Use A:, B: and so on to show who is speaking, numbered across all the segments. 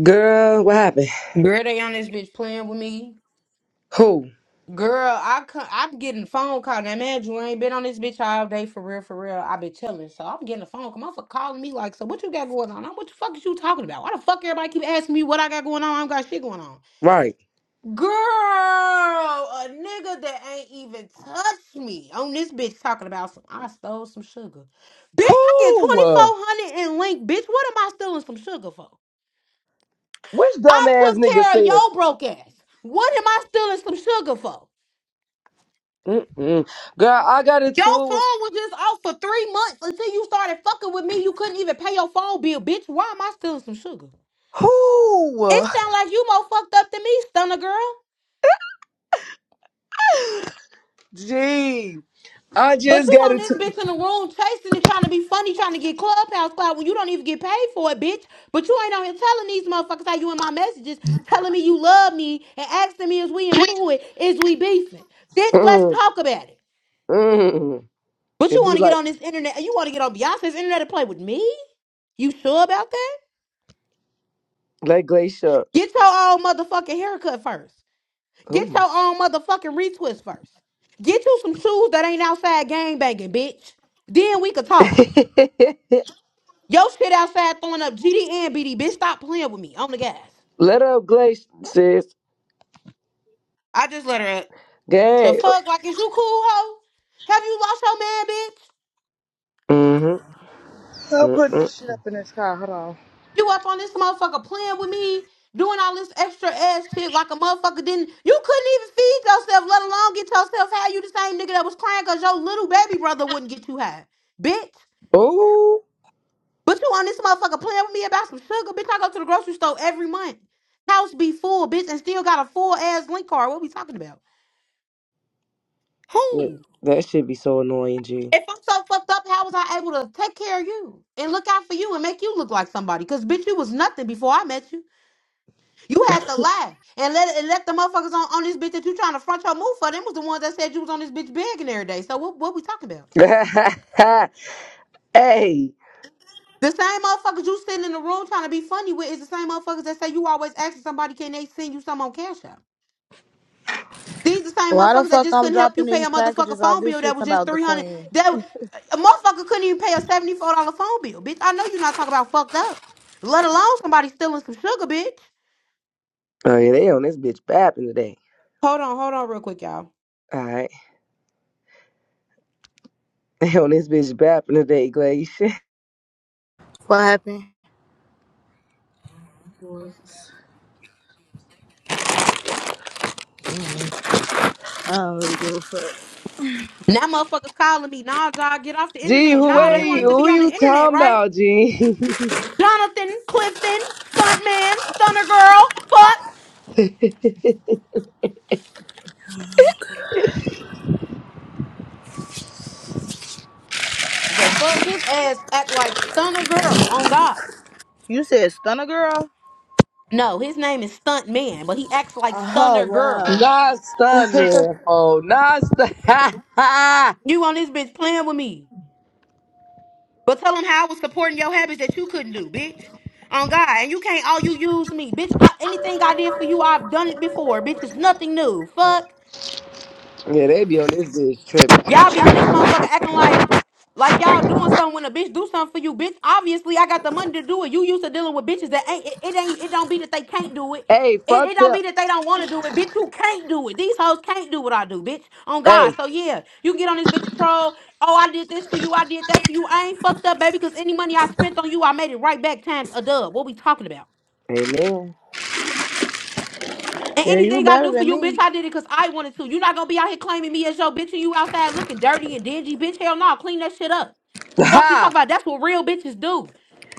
A: Girl, what happened?
B: Girl, they on this bitch playing with me.
A: Who?
B: Girl, I come, I'm getting phone call. Now, man, you ain't been on this bitch all day for real, for real. I been telling, so I'm getting a phone call. Motherfucker calling me like, so what you got going on? I'm, what the fuck is you talking about? Why the fuck everybody keep asking me what I got going on? I don't got shit going on.
A: Right.
B: Girl, a nigga that ain't even touched me on this bitch talking about some. I stole some sugar, bitch. I get
A: Who?
B: twenty four
A: Uh,
B: hundred in link, bitch. What am I stealing some sugar for?
A: Which
B: I
A: dumbass
B: took
A: nigga
B: care of
A: said?
B: your broke ass. What am I stealing some sugar for?
A: Mm-mm. Girl, I got
B: Your
A: into it. with-
B: phone was just off for three months until you started fucking with me. You couldn't even pay your phone bill, bitch. Why am I stealing some sugar?
A: Who?
B: It sound like you more fucked up than me, stunner girl.
A: Gee, I
B: But
A: just
B: you
A: got
B: on this
A: into.
B: bitch in the room chasing it, trying to be funny, trying to get clubhouse cloud when you don't even get paid for it, bitch. But you ain't on here telling these motherfuckers how you in my messages, telling me you love me and asking me is we into it, is we beefing, bitch. Let's
A: Mm,
B: talk about it.
A: mm.
B: But
A: It'd
B: you
A: be
B: want to get
A: like
B: on this internet, you want to get on Beyonce's internet and play with me? You sure about that?
A: let Glacier. up.
B: Get your own motherfucking haircut first. Get
A: Ooh,
B: your own motherfucking retwist first. Get you some shoes that ain't outside gang banging, bitch. Then we could talk. Yo shit outside throwing up GD and BD, bitch. Stop playing with me. On the gas.
A: let up Glacier, sis.
B: I just let her up. The
A: Gang.
B: fuck? Like, is you cool, hoe? Have you lost your man, bitch?
A: Mm-hmm.
C: I'm putting
A: Mm-mm.
C: this shit up in this car. Hold on.
B: You up on this motherfucker playing with me, doing all this extra ass shit like a motherfucker didn't. You couldn't even feed yourself, let alone get yourself high. You the same nigga that was crying because your little baby brother wouldn't get you high, bitch.
A: Ooh,
B: But you on this motherfucker playing with me about some sugar, bitch. I go to the grocery store every month. House be full, bitch, and still got a full ass link card. What we talking about?
A: Yeah,
B: Who?
A: that should be so annoying, G.
B: If I'm so fucked up, how was I able to take care of you and look out for you and make you look like somebody? Cause bitch, you was nothing before I met you. You had to lie and let and let the motherfuckers on, on this bitch that you trying to front your move for. Them was the ones that said you was on this bitch begging every day. So what what we talking about?
A: hey.
B: The same motherfuckers you sitting in the room trying to be funny with is the same motherfuckers that say you always asking somebody can they send you something on Cash App. These the same
C: Why the
B: motherfuckers that
C: fuck
B: just
C: I'm
B: couldn't help you
C: dropping
B: pay
C: these
B: a motherfucker
C: packages off?
B: phone
C: This
B: bill that
C: shit's
B: was just
C: about the
B: three hundred.
C: queen.
B: That a motherfucker couldn't even pay a seventy four dollar phone bill, bitch. I know you're not talking about fucked up, let alone somebody stealing some sugar, bitch.
A: Oh yeah, they on this bitch bapping today.
B: Hold on, hold on, real quick, y'all.
A: All right. They on this bitch bapping today, Glaze.
C: What happened? I don't really give a fuck.
B: Now motherfuckers calling me, nah, y'all get off the
A: Gee,
B: internet.
A: who
C: She
B: Nah, they
C: with
A: wait,
B: wanted
C: it.
B: to be
A: who
B: on the
A: you
B: internet,
A: talking
B: right?
A: about, Gee?
B: Jonathan Clifton, stuntman, stunner girl, fuck the fuck. His ass act like stunner girl. On God,
C: You said stunner girl?
B: no, his name is stuntman, but he acts like
C: Oh,
B: stunner girl.
C: wow.
A: Not stunned there, oh, not stunned. yeah,
B: You on this bitch playing with me? But tell them how I was supporting your habits that you couldn't do, bitch. On God, and you can't. all you use me, bitch. I, anything I did for you, I've done it before, bitch. It's nothing new. Fuck.
A: they be on this bitch tripping.
B: Y'all be on this motherfucker acting like like y'all doing something when a bitch do something for you, bitch. Obviously, I got the money to do it. You used to dealing with bitches that ain't it, it ain't it don't be that they can't do it.
A: Hey,
B: It,
A: fuck
B: it don't
A: them.
B: be that they don't want to do it, bitch. You can't do it. These hoes can't do what I do, bitch. On God,
A: Hey,
B: so yeah, you get on this bitch and troll. Oh, I did this for you. I did that for you. I ain't fucked up, baby. Cause any money I spent on you, I made it right back times a dub. What we talking about?
A: amen.
B: And
C: yeah, you
B: anything I
C: better
B: do for
C: than
B: you, bitch,
C: me.
B: I did it because I wanted to. You're not gonna be out here claiming me as your bitch and you outside looking dirty and dingy, bitch. Hell no, clean that shit up. Fuck you talk
A: Ha,
B: about. That's what real bitches do.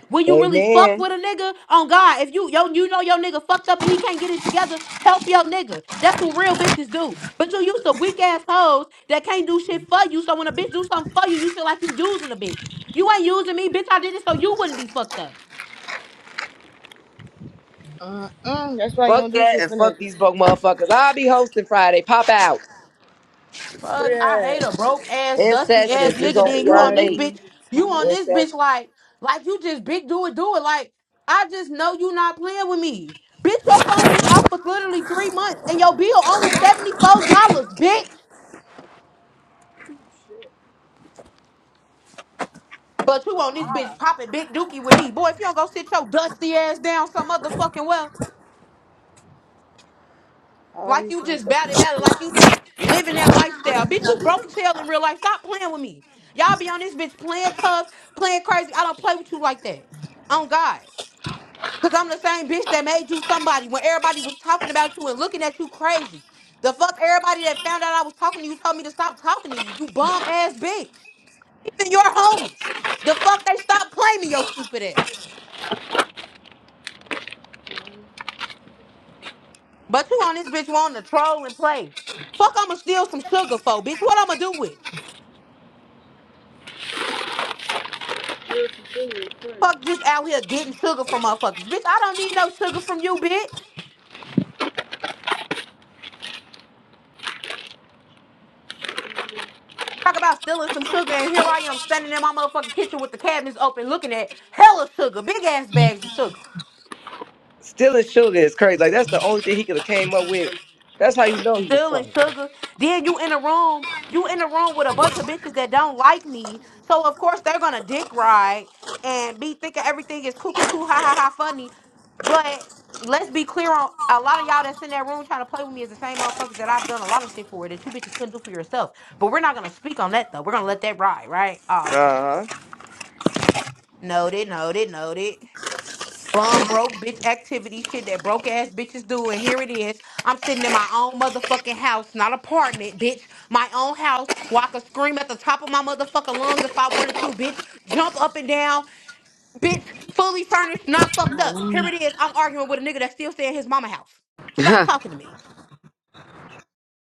B: When you really fuck
A: amen.
B: with a nigga, on God, if you yo you know your nigga fucked up and he can't get it together, help your nigga. That's what real bitches do. But you used to weak ass hoes that can't do shit for you. So when a bitch do something for you, you feel like you using a bitch. You ain't using me, bitch. I did it so you wouldn't be fucked up.
C: Mm-mm, that's why you
A: Fuck
C: don't do
A: that
C: shit
A: and
C: for
A: fuck
C: niggas.
A: these broke motherfuckers. I'll be hosting Friday. Pop out.
B: Fuck, I
C: Yeah.
B: hate a broke ass,
A: In
B: dusty
C: What
B: ass
A: sessions.
C: this
A: It's
C: shit
B: nigga.
A: gonna
C: say?
B: Then
A: be
B: you
A: on
B: on this
A: late.
C: Riley,
B: bitch, you
C: Thomas.
B: on
A: In
B: this bitch
A: sessions.
B: like, like you just big do it, do it. Like, I just know you not playing with me. Bitch, your phone just off for literally three months and your bill only $74, bitch. But you on this bitch popping big dookie with me. Boy, if you don't go sit your dusty ass down some motherfucking well.
C: All
B: Like
C: these
B: you just batted, batted, like
C: motherfuckers.
B: you just living that lifestyle. Bitch, you broke as hell in real life. Stop playing with me. Y'all be on this bitch playing tough, playing crazy. I don't play with you like that. On God. Cause I'm the same bitch that made you somebody when everybody was talking about you and looking at you crazy. The fuck everybody that found out I was talking to you told me to stop talking to you. You bum ass bitch. Even your homies. The fuck they stopped playing me, your stupid ass. But you on this bitch wanting to troll and play. Fuck I'ma steal some sugar for, bitch. What I'ma do with? it? Fuck just out here getting sugar from motherfuckers. Bitch, I don't need no sugar from you, bitch. Talk about stealing some sugar, and here I am standing in my motherfucking kitchen with the cabinets open looking at hella sugar, big ass bags of sugar.
A: Stealing sugar is crazy. Like that's the only thing he could have came up with. That's how you know he was
B: stealing
A: trying.
B: sugar. Then you in a room, you in a room with a bunch of bitches that don't like me. So of course they're gonna dick ride and be thinking everything is cool, cool, cool, ha ha ha, funny. But let's be clear on a lot of y'all that's in that room trying to play with me is the same motherfuckers that I've done a lot of shit for that you bitches couldn't do for yourself. But we're not gonna speak on that though. We're gonna let that ride, right? Oh, okay.
A: Uh
B: Noted, noted, noted bum broke bitch activity shit that broke ass bitches do and here it is i'm sitting in my own motherfucking house not apartment bitch my own house where i could scream at the top of my motherfucking lungs if i wanted to bitch jump up and down bitch fully furnished not fucked up
C: Um,
B: here it is i'm arguing with a nigga that's still staying in his mama house stop
A: huh.
B: talking to me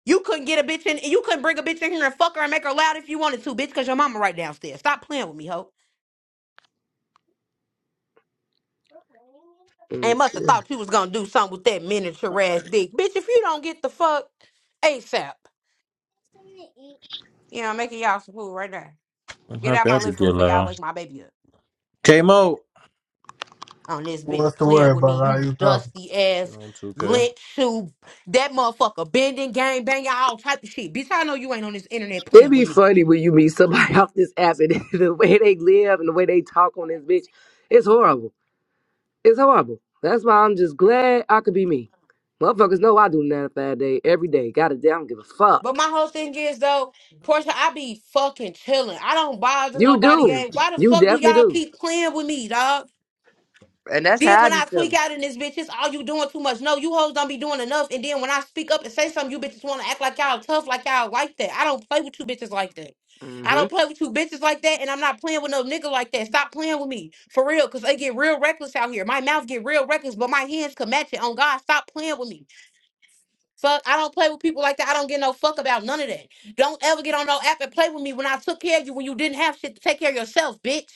B: you couldn't get a bitch in you couldn't bring a bitch in here and fuck her and make her loud if you wanted to bitch because your mama right downstairs stop playing with me hoe. And must have thought you was gonna do something with that miniature ass dick. Bitch, if you don't get the fuck ASAP, you know, I'm making y'all some food right now.
D: I'm
B: Get out
D: happy I
B: my
D: could
B: living
D: get
B: room before y'all
D: loud.
B: wake my baby up.
D: K Mo.
B: On this bitch
E: What's the
B: playing
E: word
B: with me,
E: about how
B: you
E: you come?
B: dusty
D: Shit
B: ass
D: on 2K.
B: lint shoe, that motherfucker bending, gang banging, all type of shit. Bitch, I know you ain't on this internet
A: It'd
B: playing
A: be
B: with me.
A: funny when you meet somebody off this app and the way they live and the way they talk on this bitch. It's horrible. It's horrible. That's why I'm just glad I could be me. Motherfuckers know I do nine to five day every day. Gotta damn I don't give a fuck.
B: But my whole thing is though, Portia, I be fucking chilling. I don't bother
A: You
B: nobody,
A: do.
B: gang. Why the
A: You
B: fuck do
A: definitely
B: y'all
A: do.
B: keep playing with me, dog?
A: And that's
B: Then
A: how I
B: when
A: be
B: I tweak
A: feeling.
B: out in this bitch, it's all you doing too much. No, you hoes don't be doing enough. And then when I speak up and say something, you bitches want to act like y'all tough, like y'all like that. I don't play with you bitches like that. I
A: Mm-hmm.
B: don't play with you bitches like that, and I'm not playing with no nigga like that. Stop playing with me for real, cause they get real reckless out here. My mouth get real reckless, but my hands can match it. On God, stop playing with me. Fuck, I don't play with people like that. I don't get no fuck about none of that. Don't ever get on no app and play with me when I took care of you when you didn't have shit to take care of yourself, bitch.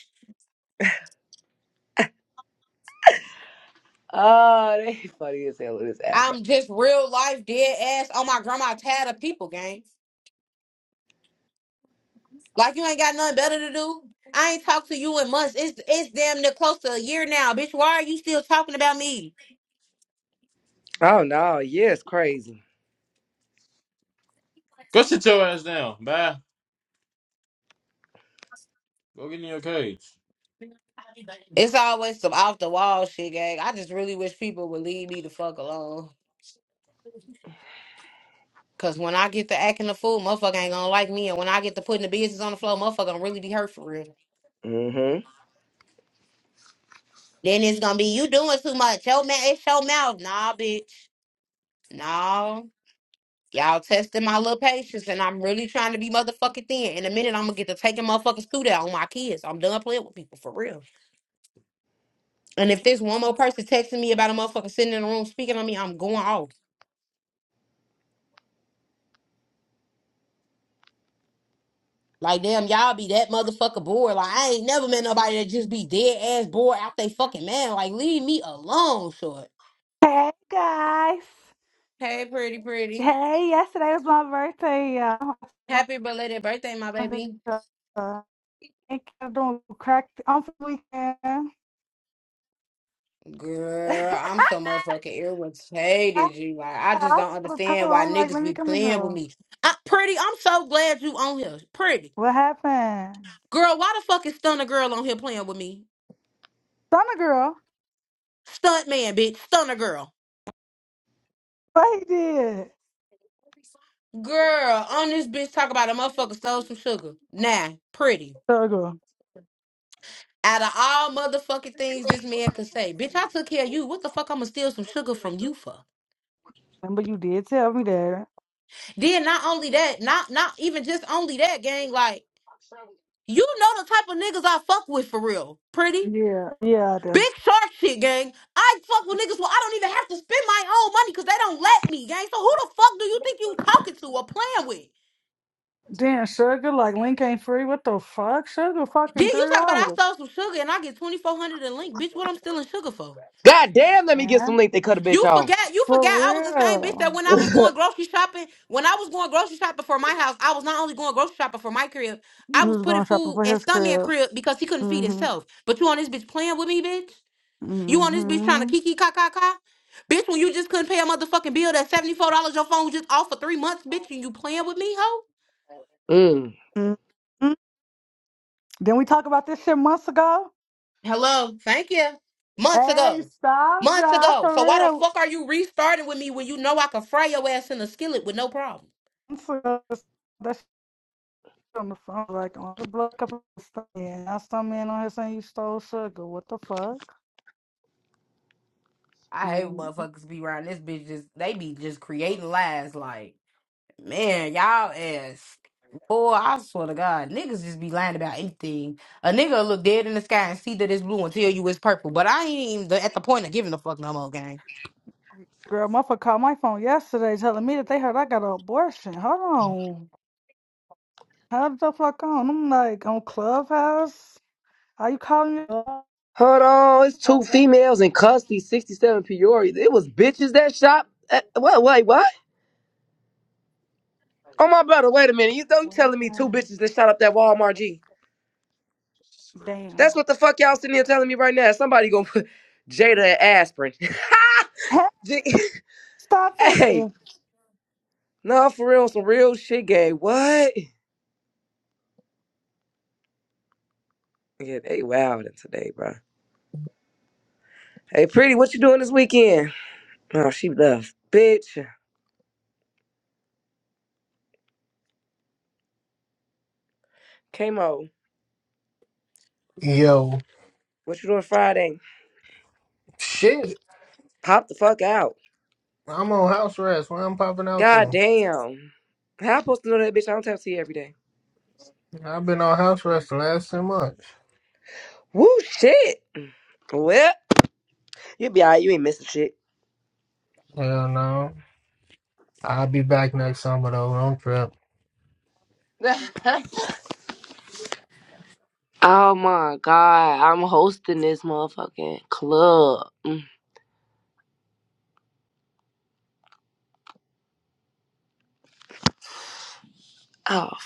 A: Oh, they funny as hell with this app, bro.
B: I'm just real life dead ass on my grandma tired of people gang. Like you ain't got nothing better to do. I ain't talked to you in months. It's it's damn near close to a year now, bitch. Why are you still talking about me?
A: Oh no, yeah, it's crazy.
D: Go sit your ass down. Bye. Go get in your cage.
B: It's always some off the wall shit, gang. I just really wish people would leave me the fuck alone. Cause when I get to acting a fool, motherfucker ain't gonna like me. And when I get to putting the business on the floor, motherfucker gonna really be hurt for real.
A: Mm-hmm.
B: Then it's gonna be you doing too much. Your mouth, it's your mouth. Nah, bitch. Nah. Y'all testing my little patience, and I'm really trying to be motherfucking thin. In a minute, I'm gonna get to taking motherfuckers through that on my kids. I'm done playing with people for real. And if there's one more person texting me about a motherfucker sitting in the room speaking on me, I'm going off. Like damn, y'all be that motherfucker bored. Like I ain't never met nobody that just be dead ass bored out they fucking man. Like leave me alone, short.
F: Hey guys.
B: Hey, pretty, pretty.
F: Hey, yesterday was my birthday. y'all.
B: Happy belated birthday, my baby.
F: Uh, Thank you doing crack on the weekend.
B: Girl, I'm so motherfucking
F: I, I
B: irritated, you. Like, I just don't
F: saw the
B: understand
F: title.
B: why
F: I'm like,
B: niggas
F: let me
B: be
F: come in
B: playing with
F: here.
B: me. I, pretty, I'm so glad you on here. Pretty.
F: What happened?
B: Girl, why the fuck is Stunner Girl on here playing with me?
F: Summer girl.
B: Stunt man, bitch. Stunner Girl.
F: What he did?
B: Girl, on this bitch talk about a motherfucker stole some sugar. Nah, pretty.
F: Summer girl.
B: Out of all motherfucking things this man could say, bitch, I took care of you. What the fuck I'ma steal some sugar from you for?
F: Remember you did tell me that.
B: Then not only that, not not even just only that, gang, like You know the type of niggas I fuck with for real. Pretty.
F: Yeah. Yeah, I do.
B: Big shark shit, gang. I fuck with niggas where I don't even have to spend my own money because they don't let me, gang. So who the fuck do you think you talking to or playing with?
F: Damn, sugar, like link ain't free. What the fuck? Sugar
B: Then
F: fucking
B: you
F: three
B: talk about I
F: dollars.
B: stole some sugar and I get twenty four hundred a link, bitch. What I'm stealing sugar for?
A: God damn, let me get some
F: Man.
A: link. They cut a bitch
B: You forget?
A: off.
B: You forget?
F: For
B: I was the same bitch that
F: real.
B: when I was going grocery shopping, when I was going grocery shopping for my house, I was not only going grocery shopping for my crib, I
F: He
B: was
F: was
B: putting
F: going shopping
B: food
F: for
B: in
F: his
B: stuntman
F: crib.
B: crib because he couldn't feed
F: Mhm.
B: himself. But you on this bitch playing with me, bitch? You on this bitch trying to
F: Mhm.
B: kiki ka ka ka? Bitch, when you just couldn't pay a motherfucking bill that $74 your phone was just off for three months, bitch, and you playing with me, hoe?
A: Mm.
F: Mhm. Didn't we talk about this shit months ago?
B: Hello, thank you. Months
F: Hey,
B: ago.
F: stop,
B: Months
F: John,
B: ago.
F: for
B: So why the
F: real.
B: fuck are you restarting with me when you know I can fry your ass in a skillet with no problem?
F: Months ago, That shit on the phone, like on the blood couple of stuff. Yeah, now some man on here saying you stole sugar. What the fuck?
B: I
F: Mm.
B: motherfuckers be around this bitch just they be just creating as like. Man, y'all ass. Boy, I swear to God, niggas just be lying about anything. A nigga will look dead in the sky and see that it's blue and tell you it's purple. But I ain't even at the point of giving a fuck no more, gang.
F: Girl, motherfucker called my phone yesterday telling me that they heard I got an abortion. Hold on. How the fuck on? I'm like, on Clubhouse? Are you calling me? Clubhouse?
A: Hold on, it's two
F: Like, that's
A: females in custody, 67 Peoria. It was bitches that shot. At, what? Wait, what? Oh my brother, wait a minute. You don't you
F: what
A: telling me two
F: happened.
A: bitches that shot up that Walmart G? That's
F: Damn.
A: what the fuck y'all sitting here telling me right now. Somebody gonna put Jada and aspirin. G-
F: Stop
A: hey,
F: taking.
A: no, for real, some real shit, gay. What? Yeah, they wildin' today, bro. Hey, pretty, what you doing this weekend? Oh, she left, bitch. Camo,
E: Yo,
A: what you doing Friday?
E: shit.
A: Pop the fuck out.
E: I'm on house arrest. Where I'm popping out
A: God
E: to?
A: damn. How I supposed to know that bitch? I don't talk to you every day.
E: I've been on house arrest the last 10 months.
A: Woo shit. Well, you be alright. You ain't missing shit.
E: Hell no. I'll be back next summer though. Don't trip.
A: Oh my god, I'm hosting this motherfucking club. Mm. Oh fuck.